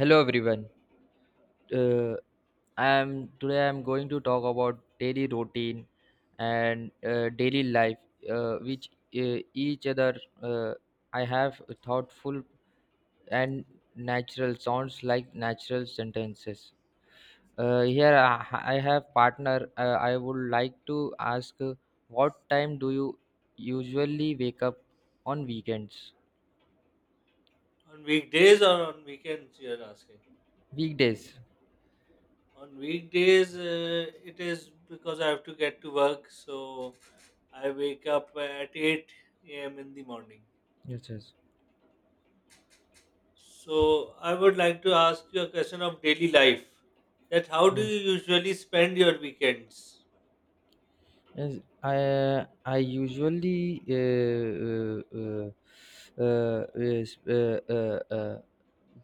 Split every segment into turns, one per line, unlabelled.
Hello everyone. Uh, I am today. I am going to talk about daily routine and daily life, which each other uh, I have thoughtful and natural sounds like natural sentences. Here I have partner. I would like to ask, what time do you usually wake up on weekends,
On weekdays or on weekends, you're asking?
weekdays?
On weekdays, it is because I have to get to work, so I wake up at 8 a.m. in the morning.
Yes, yes,
So I would like to ask you a question of daily life. That how do
yes.
you usually spend your weekends?
Yes, I usually is-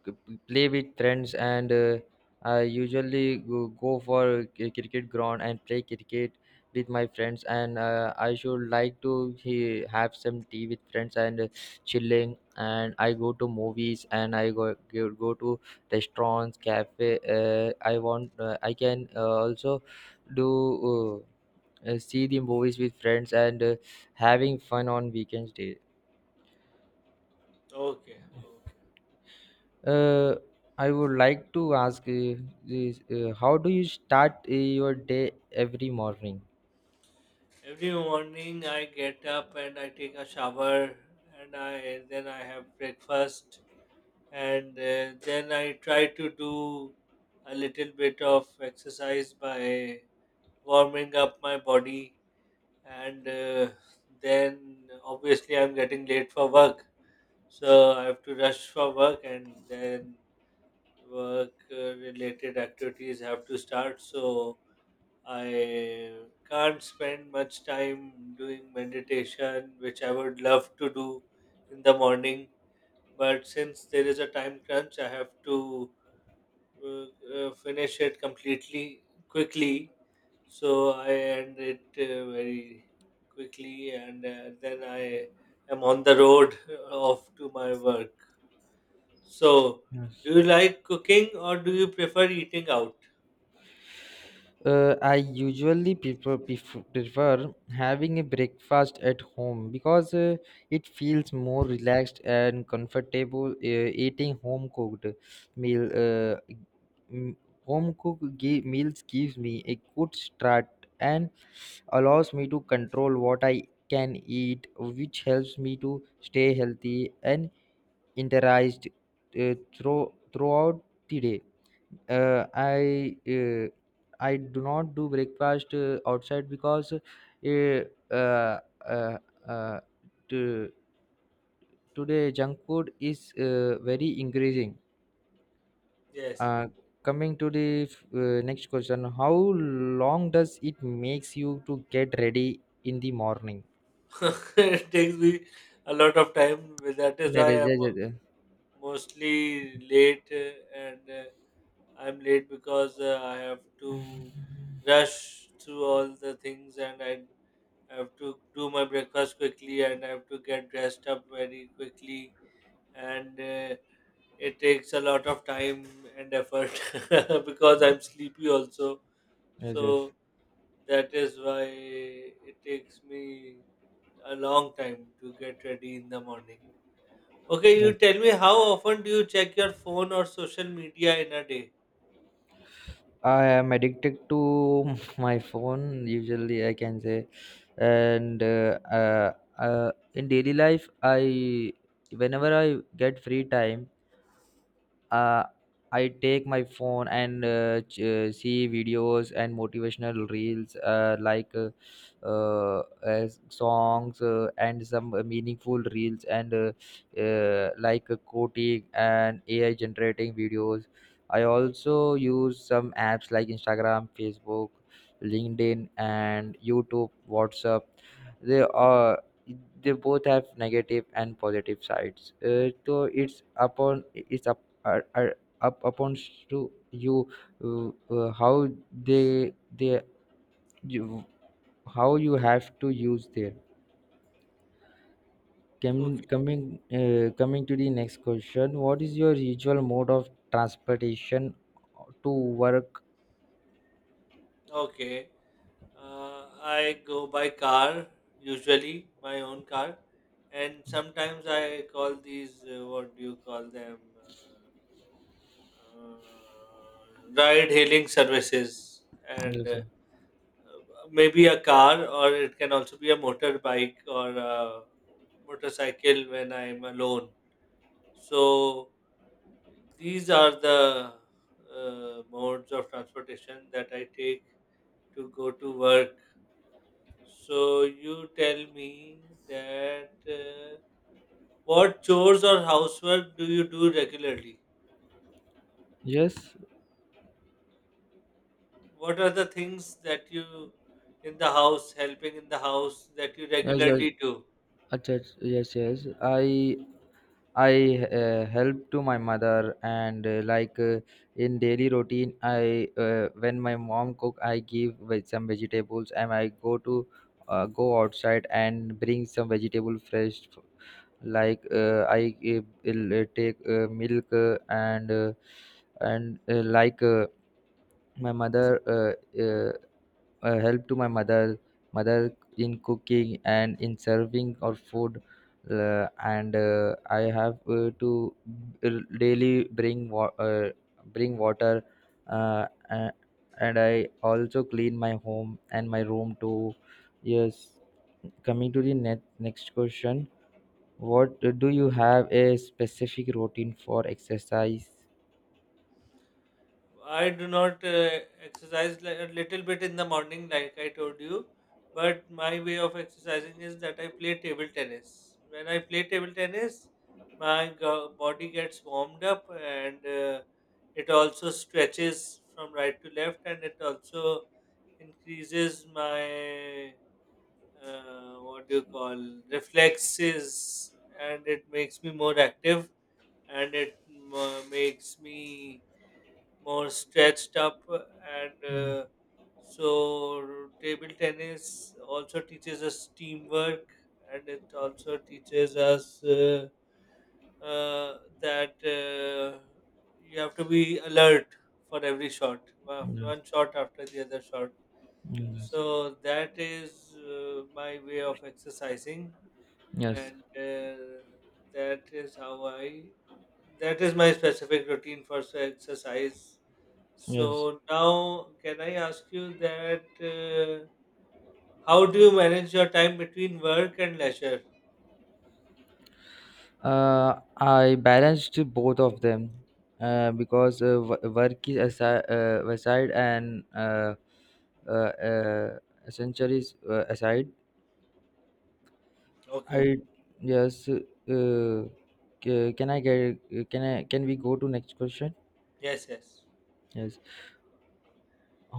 g- play with friends and I usually go for a cricket ground and play cricket with my friends and I should like to have some tea with friends and chilling, and I go to movies and I go to restaurants, cafe. I can also do. Uh, See the movies with friends and having fun on weekends day.
Okay, okay.
Uh, i would like to ask, how do you start your day every morning?
Every morning I get up and I take a shower and I then I have breakfast and then I try to do a little bit of exercise by warming up my body, and then obviously I'm getting late for work, so I have to rush for work, and then work related activities have to start. So I can't spend much time doing meditation, which I would love to do in the morning. But since there is a time crunch, I have to uh, finish it completely quickly. So I end it very quickly, and then I am on the road off to my work. So, do you like cooking or do you prefer eating out?
I usually prefer having a breakfast at home because it feels more relaxed and comfortable. Eating home cooked meal, uh, m- home cooked meals gives me a good start and allows me to control what I can eat, which helps me to stay healthy and energized throughout the day. uh, I uh, I do not do breakfast outside, because uh, uh, uh, to, today junk food is very increasing.
Yes.
Uh, Coming to the next question, how long does it makes you to get ready in the morning?
It takes me a lot of time. That is
That
why
is
I'm
yes, yes, yes,
mostly late, and I'm late because I have to rush through all the things, and I have to do my breakfast quickly and I have to get dressed up very quickly. And it takes a lot of time and effort because I'm sleepy also.
yes. yes.
So that is why it takes me a long time to get ready in the morning. Okay, you
yes.
tell me, how often do you check your phone or social media in a day?
I am addicted to my phone, usually I can say. And in daily life, I whenever I get free time, uh, I take my phone and see videos and motivational reels songs and some meaningful reels and quoting and AI generating videos. I also use some apps like Instagram, Facebook, LinkedIn, and YouTube, WhatsApp. They are they both have negative and positive sides, so it's up are up upon to you, how they they you, how you have to use their.
Okay.
Coming coming to the next question, what is your usual mode of transportation to work?
Okay. I go by car, usually my own car, and sometimes I call these what do you call them? Ride hailing services, and
Yes sir.
maybe a car, or it can also be a motorbike or a motorcycle when I'm alone. So these are the modes of transportation that I take to go to work. So you tell me that what chores or housework do you do regularly?
Yes,
What are the things that you in the house, helping in the house that you
yes, yes,
regularly do?
अच्छा, yes, yes. I help to my mother, and in daily routine I, when my mom cook I give some vegetables and I go to go outside and bring some vegetable fresh, I take milk and like my mother help to my mother in cooking and in serving our food. Uh, and uh, i have to daily bring water, uh, a- and I also clean my home and my room too. Yes. Coming to the next question, what do you have a specific routine for exercise?
I do not exercise, a little bit in the morning, like I told you. But my way of exercising is that I play table tennis. When I play table tennis, my body gets warmed up, and it also stretches from right to left, and it also increases my, what do you call, reflexes, and it makes me more active, and it makes me more stretched up, and so table tennis also teaches us teamwork, and it also teaches us that you have to be alert for every shot,
Mm,
one shot after the other shot.
yes,
So that is my way of exercising,
yes, yes,
and that is how i that is my specific routine for exercise.
yes.
So now, can I ask you that how do you manage your time between work and leisure?
I balanced both of them, because work is aside, aside and uh, uh, essentially is, aside. I
Okay.
Yes. Can I get, can I can we go to next question?
Yes, yes.
Yes.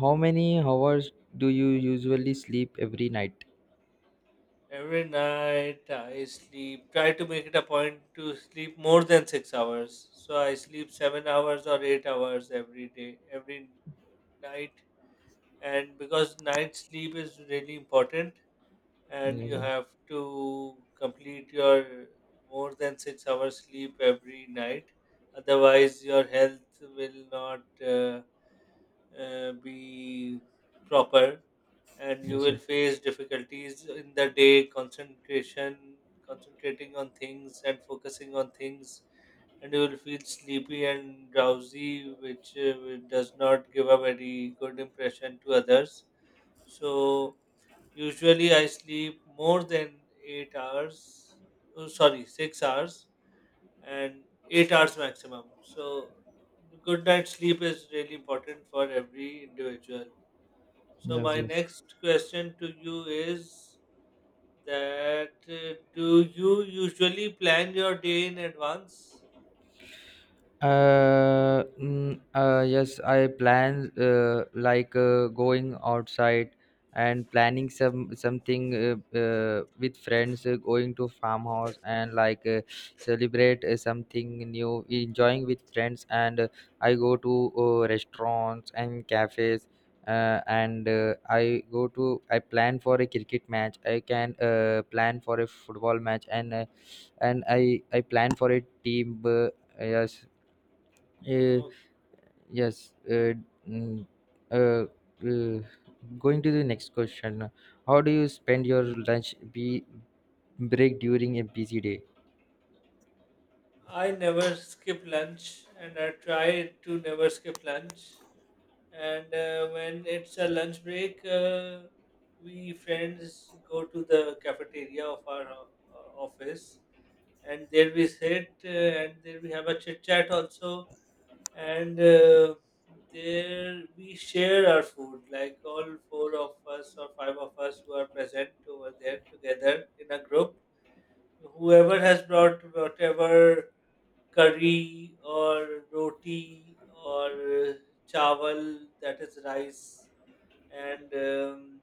How many hours do you usually sleep every night?
Every night I sleep, try to make it a point to sleep more than 6 hours. So I sleep 7 hours or 8 hours every day, every night. And because night sleep is really important, and
Yes,
you
yes.
have to complete your more than 6 hours sleep every night. Otherwise, your health will not, be proper, and you
Yes
will
sir.
face difficulties in the day, concentration, concentrating on things and focusing on things, and you will feel sleepy and drowsy, which does not give a very good impression to others. So usually I sleep more than 8 hours, oh, sorry, 6 hours, and 8 hours maximum. So, good night sleep is really important for every individual. So,
Yes,
my
yes.
next question to you is that do you usually plan your day in advance?
Yes, I plan, going outside and planning some something with friends, going to farmhouse and, celebrate something new, enjoying with friends. And I go to restaurants and cafes. And I go to, I plan for a cricket match. I can plan for a football match, and I plan for a team. Yes uh,
Okay.
yes. Mm, uh, uh, Going to the next question. How do you spend your lunch be break during a busy day?
I never skip lunch and I try to never skip lunch. And when it's a lunch break, we friends go to the cafeteria of our office, and there we sit and there we have a chit chat also, and there we share our food, like all four of us or five of us who are present over there together in a group, whoever has brought whatever curry or roti or uh, chawal, that is rice, and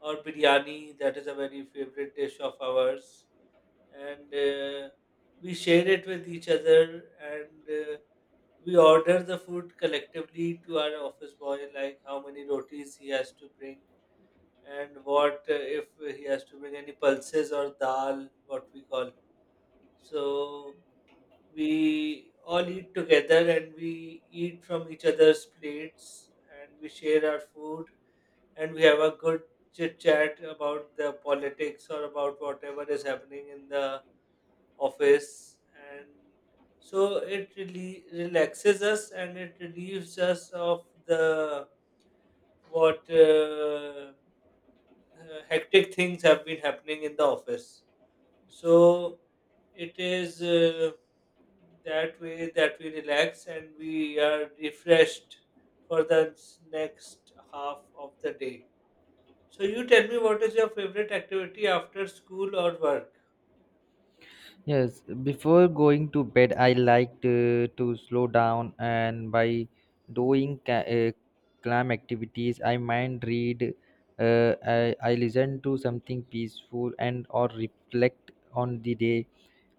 or biryani, that is a very favorite dish of ours, and we share it with each other, and we order the food collectively to our office boy, like how many rotis he has to bring, and what if he has to bring any pulses or dal, what we call. So we all eat together and we eat from each other's plates, and we share our food, and we have a good chit chat about the politics or about whatever is happening in the office. And so it really relaxes us and it relieves us of the what hectic things have been happening in the office. So it is that way that we relax and we are refreshed for the next half of the day. So you tell me, what is your favorite activity after school or work?
Yes, before going to bed, I like to slow down, and by doing calm activities, I mind read. I listen to something peaceful and or reflect on the day.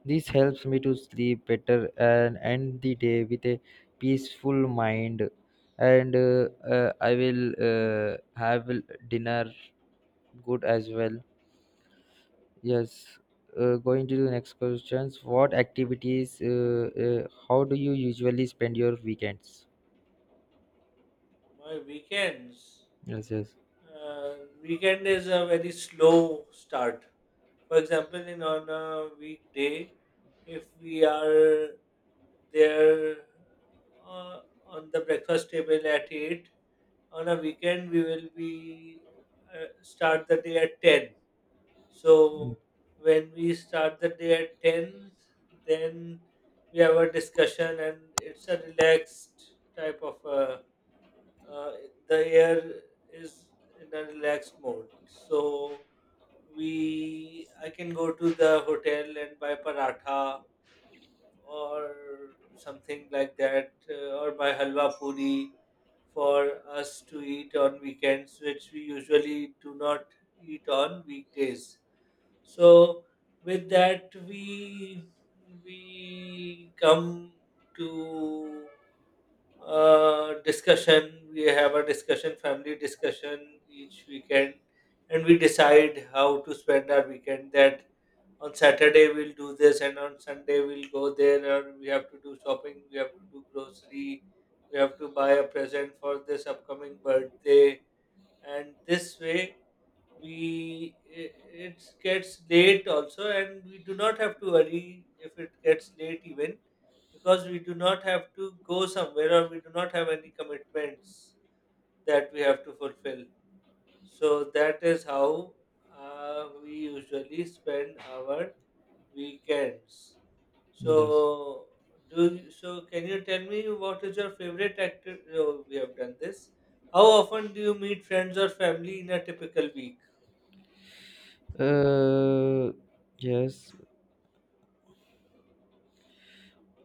This helps me to sleep better and end the day with a peaceful mind. And I will have dinner good as well. Yes. Going to the next questions. What activities? How do you usually spend your weekends?
My weekends.
Yes. Yes.
Uh, Weekend is a very slow start. For example, in on a weekday, if we are there uh, on the breakfast table at 8, on a weekend we will be start the day at 10. So
Mm,
when we start the day at 10, then we have a discussion, and it's a relaxed type of a, uh, the air is in a relaxed mode. So we, I can go to the hotel and buy paratha, or something like that, or buy halwa puri for us to eat on weekends, which we usually do not eat on weekdays. So with that, we come to discussion. We have a discussion, family discussion each weekend, and we decide how to spend our weekend. That on Saturday we'll do this, and on Sunday we'll go there, or we have to do shopping, we have to do grocery, we have to buy a present for this upcoming birthday. And this way we i- it gets late also, and we do not have to worry if it gets late even, because we do not have to go somewhere or we do not have any commitments that we have to fulfill. So that is how we usually spend our weekends. So
Yes.
so can you tell me, what is your favorite active, we have done this. How often do you meet friends or family in a typical week?
Uh, yes.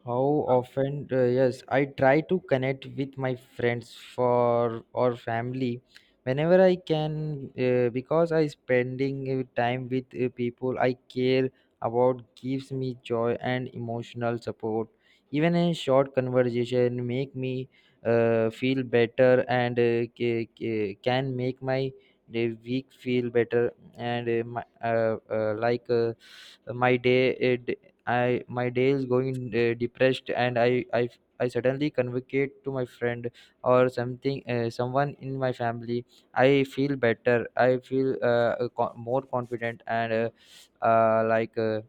How often? Yes, I try to connect with my friends for or family whenever I can, because I spending time with people I care about gives me joy and emotional support. Even a short conversation make me feel better, and can make my day week feel better. And my, like my day I My day is going depressed, and I suddenly communicate to my friend or something, someone in my family. I feel better. I feel more confident and uh, like uh,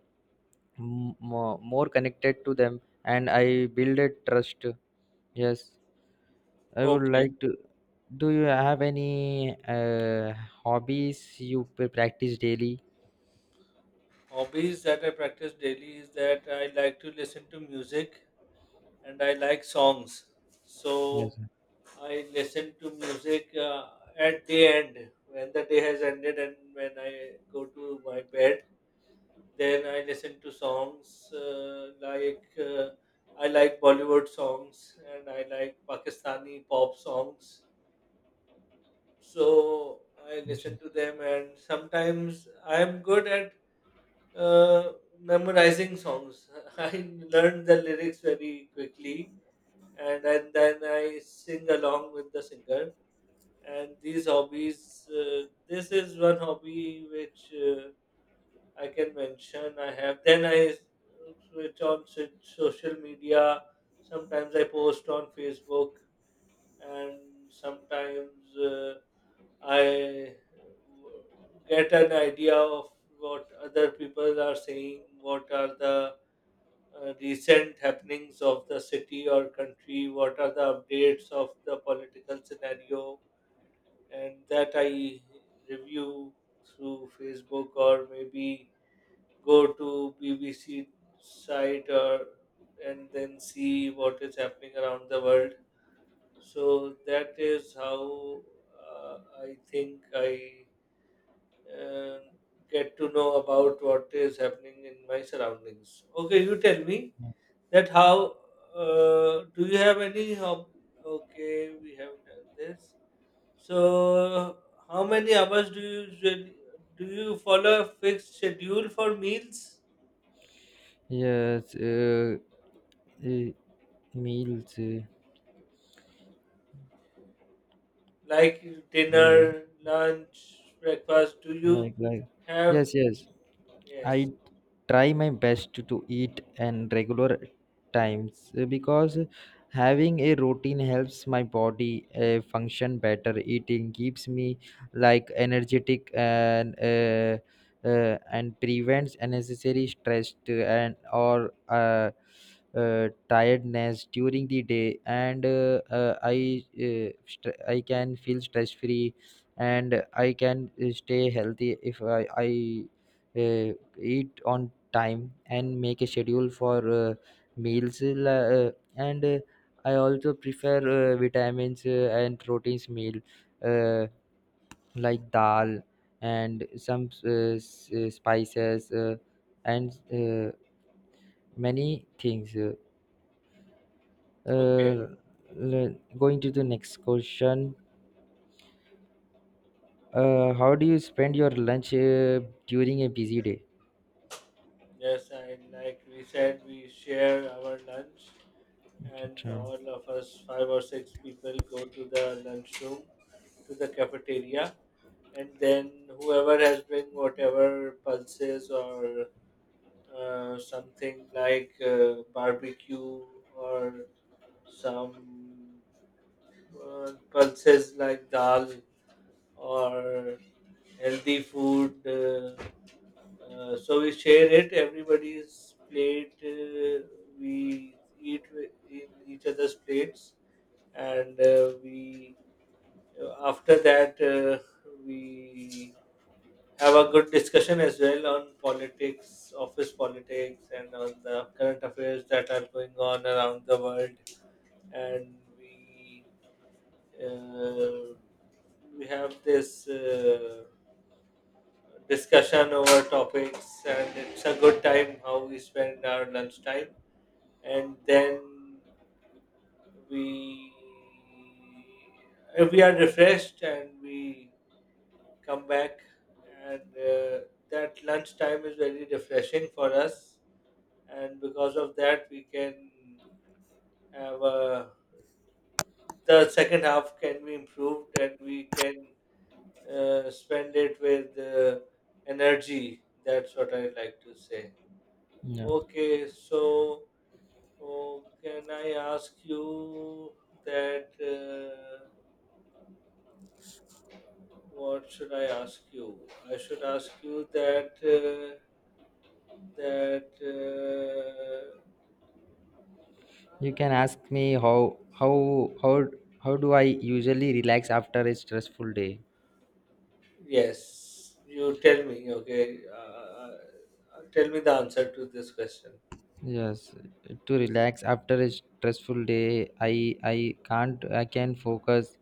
more connected to them, and I build a trust. Yes, I would
Okay.
like to. Do you have any hobbies you practice daily?
Hobbies that I practice daily is that I like to listen to music, and I like songs.
Yes
So
sir.
I listen to music at the end, when the day has ended and when I go to my bed. Then I listen to songs I like Bollywood songs and I like Pakistani pop songs. So I listen to them, and sometimes I am good at, Uh, memorizing songs. I learn the lyrics very quickly, and then I sing along with the singer. And these hobbies, this is one hobby which I can mention I have. Then I switch on social media. Sometimes I post on Facebook, and sometimes uh, I get an idea of what other people are saying, what are the recent happenings of the city or country, what are the updates of the political scenario, and that I review through Facebook, or maybe go to BBC site, or and then see what is happening around the world. So that is how I think I uh, get to know about what is happening in my surroundings. Okay, you tell me. That how do you have any hob, okay, we have done this. So, how many hours do you usually, do you follow a fixed schedule for meals
Yes sir. Yes. Meals,
like
yeah,
dinner, lunch, breakfast? Do you
like
have
yes, yes.
yes.
I try my best to eat and regular times, because having a routine helps my body function better. Eating keeps me like energetic and prevents unnecessary stress and or tiredness during the day. And I can feel stress free, and I can stay healthy if I. Uh, Eat on time and make a schedule for meals, uh, and I also prefer vitamins and proteins meal, uh, like dal and some spices and many things.
Okay.
Uh, Going to the next question. How do you spend your lunch during a busy day?
Yes, I like we said, we share our lunch,
Ch- ch-
and all of us five or six people go to the lunchroom, to the cafeteria, and then whoever has been whatever pulses or something like barbecue, or some pulses like dal, or healthy food. So we share it. Everybody's plate. We eat in each other's plates, and we after that we have a good discussion as well on politics, office politics, and on the current affairs that are going on around the world. And uh, we have this discussion over topics, and it's a good time how we spend our lunchtime. And then we we are refreshed and we come back, and that lunch time is very refreshing for us, and because of that we can have a, the second half can be improved, and we can spend it with energy. That's what I like to say.
yeah.
Okay, so oh, can I ask you that? What should I ask you? I should ask you that. That uh,
You can ask me how do I usually relax after a stressful day?
yes, you tell me. Okay, tell me the answer to this question.
Yes, to relax after a stressful day, I can't I can focus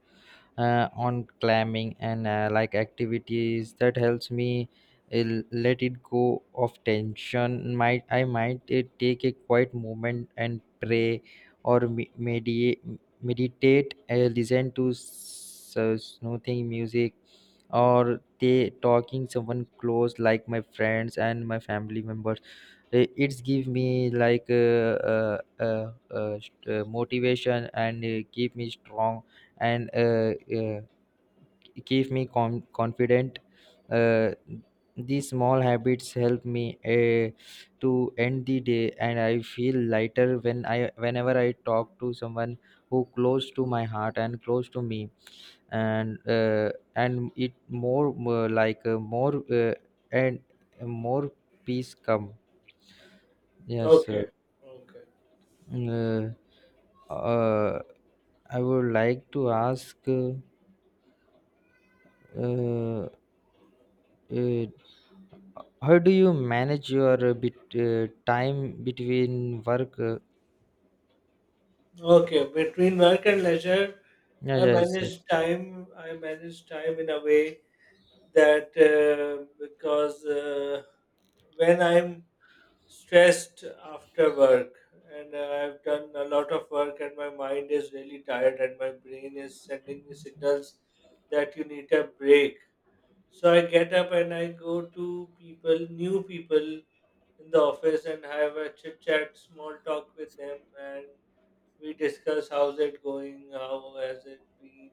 on climbing and like activities that helps me uh, let it go of tension. Might take a quiet moment and pray or meditate. Listen to soothing music, or they talking someone close like my friends and my family members. Eh, it's give me like motivation and keep me strong, and uh, keep me confident. uh, these small habits help me to end the day, and I feel lighter whenever I talk to someone who close to my heart and close to me. And and it more, more like more and More peace come. yes uh,
Okay, okay,
mm, uh, uh, i would like to ask, uh, uh, how do you manage your bit time between work,
okay, between work and leisure.
yeah,
i
yes,
manage
yes,
time i manage time in a way that, because when I'm stressed after work and I've done a lot of work and my mind is really tired and my brain is sending me signals that you need a break. So I get up and I go to people, new people in the office, and have a chit chat, small talk with them, and we discuss how's it going, how has it been.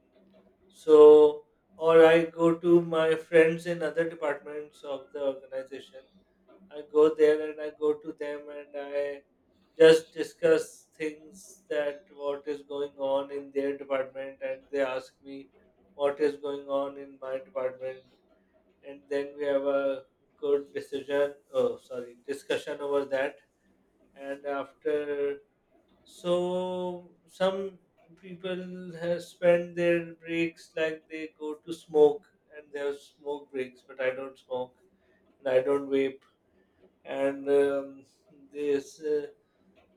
So, or I go to my friends in other departments of the organization. I go there and I go to them and I just discuss things that what is going on in their department, and they ask me what is going on in my department, and then we have a good decision, oh sorry, discussion over that. And after, so some people have spent their breaks like they go to smoke and they have smoke breaks, but I don't smoke and I don't vape. And this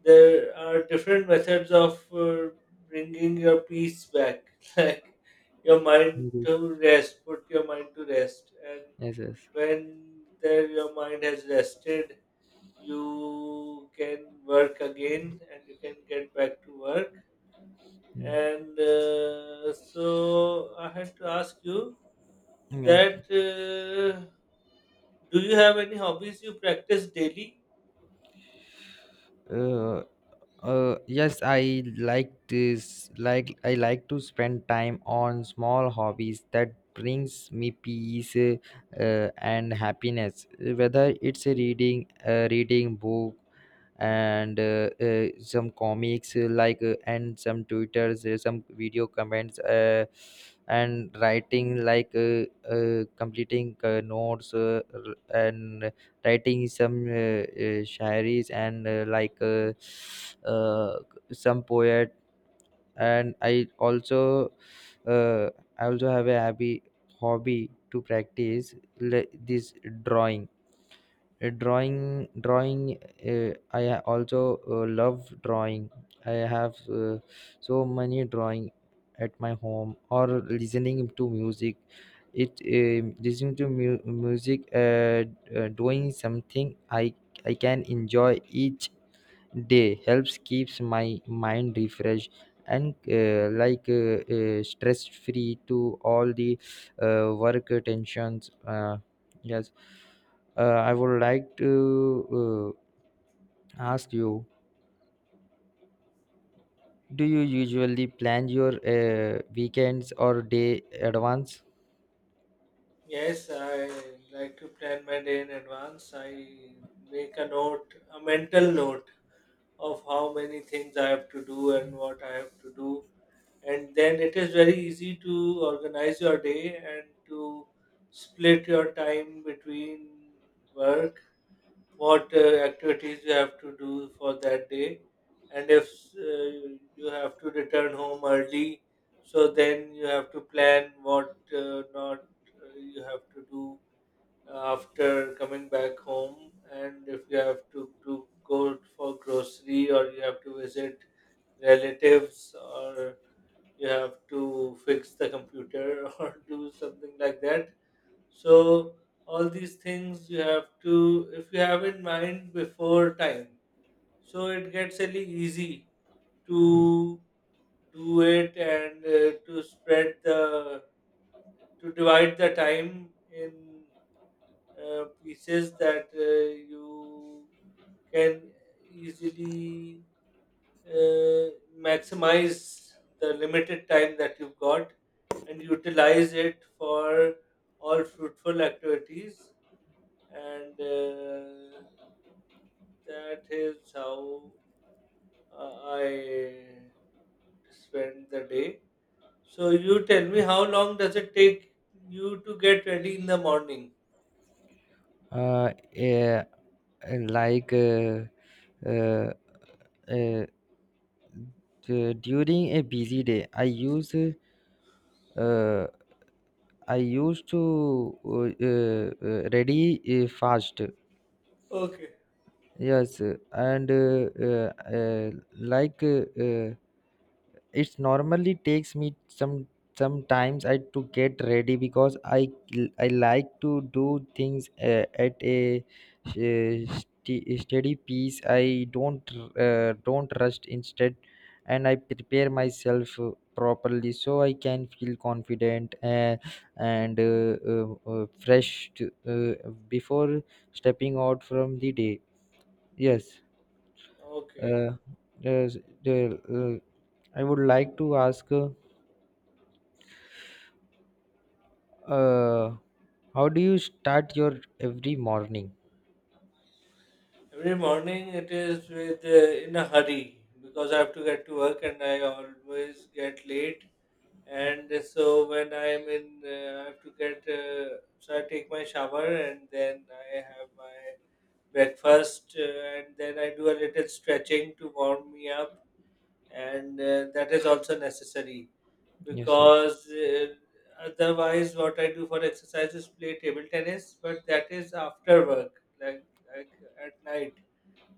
there are different methods of bringing your peace back like your mind
yes,
to rest, put your mind to rest. And
yes, yes.
when there your mind has rested, you can work again and you can get back to work.
Mm.
And so I had to ask you
Yes.
that, do you have any hobbies you practice daily?
uh, yes, I like this. I like to spend time on small hobbies that brings me peace and happiness. Whether it's reading book, and some comics, and some twitters, some video comments, and writing like completing notes, and writing some shairis and, uh, some poet. And I also uh, I also have a happy hobby to practice this drawing. Drawing. Also love drawing. I have so many drawing at my home, or listening to music. It listening to mu- Music doing something I can enjoy each day helps keeps my mind refreshed, and stress free to all the work tensions. Uh, yes uh, i would like to ask you, do you usually plan your weekends or day advance?
Yes, I like to plan my day in advance. I make a note, a mental note of how many things I have to do and what I have to do. And then it is very easy to organize your day and to split your time between work, what activities you have to do for that day, and if you have to return home early, so then you have to plan what not you have to do after coming back home, and if you have to go for grocery or you have to visit relatives or you have to fix the computer or do something like that. So all these things you have to, if you have in mind before time. So it gets really easy to do it, and to spread the, to divide the time in pieces that you can easily uh, maximize the limited time that you've got and utilize it for all fruitful activities. And that is how I spend the day. So you tell me, how long does it take you to get ready in the morning?
uh, uh, like uh, uh, uh, During a busy day uh, I used to ready fast.
Okay,
Yes, and uh, like uh, uh, it normally takes me sometimes I to get ready because I like to do things at a steady pace. I don't Don't rush instead, and I prepare myself properly, so I can feel confident, and fresh before stepping out from the day. Yes.
okay,
Uh, yes, the, uh, I would like to ask. Uh, how do you start your every morning?
every morning it is with, in a hurry because I have to get to work and I always get late. And so when I'm in, I have to get, so I take my shower and then I have my breakfast, and then I do a little stretching to warm me up, and that is also necessary,
Yes, yes.
because otherwise, what I do for exercise is play table tennis, but that is after work, like like, at night.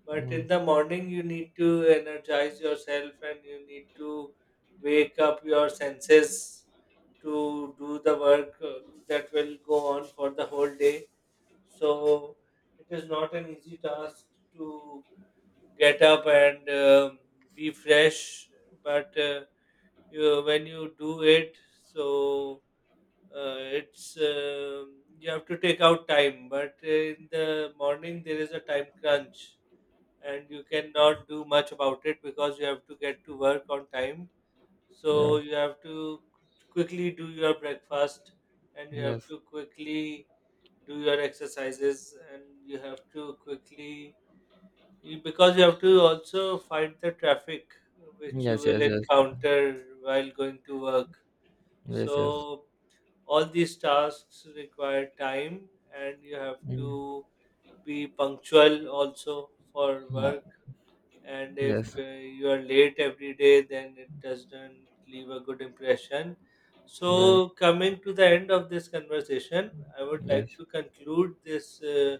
But
Mm,
in the morning, you need to energize yourself and you need to wake up your senses to do the work that will go on for the whole day. So it is not an easy task to get up and be fresh, but you, when you do it, so it's you have to take out time. But in the morning, there is a time crunch and you cannot do much about it because you have to get to work on time. So
Yes,
you have to quickly do your breakfast and you have
yes.
to quickly do your exercises and you have to quickly, because you have to also fight the traffic which you
Yes,
will
yes, yes.
encounter while going to work.
Yes,
So
yes.
all these tasks require time and you have
Mm,
to be punctual also for
yeah.
work. And if
Yes,
you are late every day then it doesn't leave a good impression.
yes,
So coming to the end of this conversation, I would like
yes.
to conclude this, uh,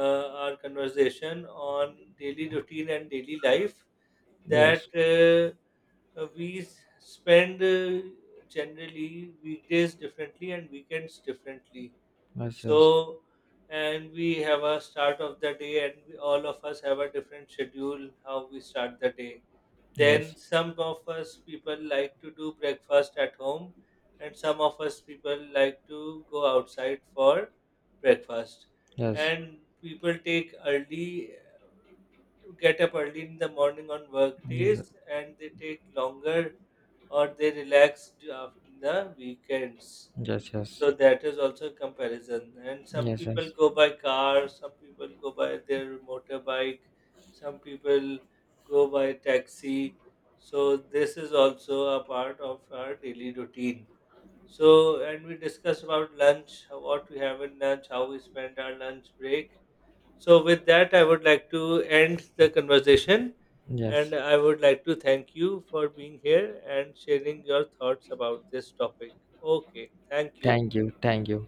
uh, our conversation on daily routine and daily life, that
Yes, yes,
we spend generally weekdays differently and weekends differently. So, and we have a start of the day, and we, all of us have a different schedule how we start the day.
yes.
Then,
Yes,
some of us people like to do breakfast at home, and some of us people like to go outside for breakfast.
yes.
And people take early, get up early in the morning on work
Yes,
days, and they take longer or they relax in the weekends.
yes.
So that is also a comparison. And some
Yes,
people
yes.
go by car, some people go by their motorbike, some people go by taxi. So this is also a part of our daily routine. So, and we discuss about lunch, what we have in lunch, how we spend our lunch break. So, with that, I would like to end the conversation.
Yes.
And I would like to thank you for being here and sharing your thoughts about this topic. Okay, thank you.
Thank you. Thank you.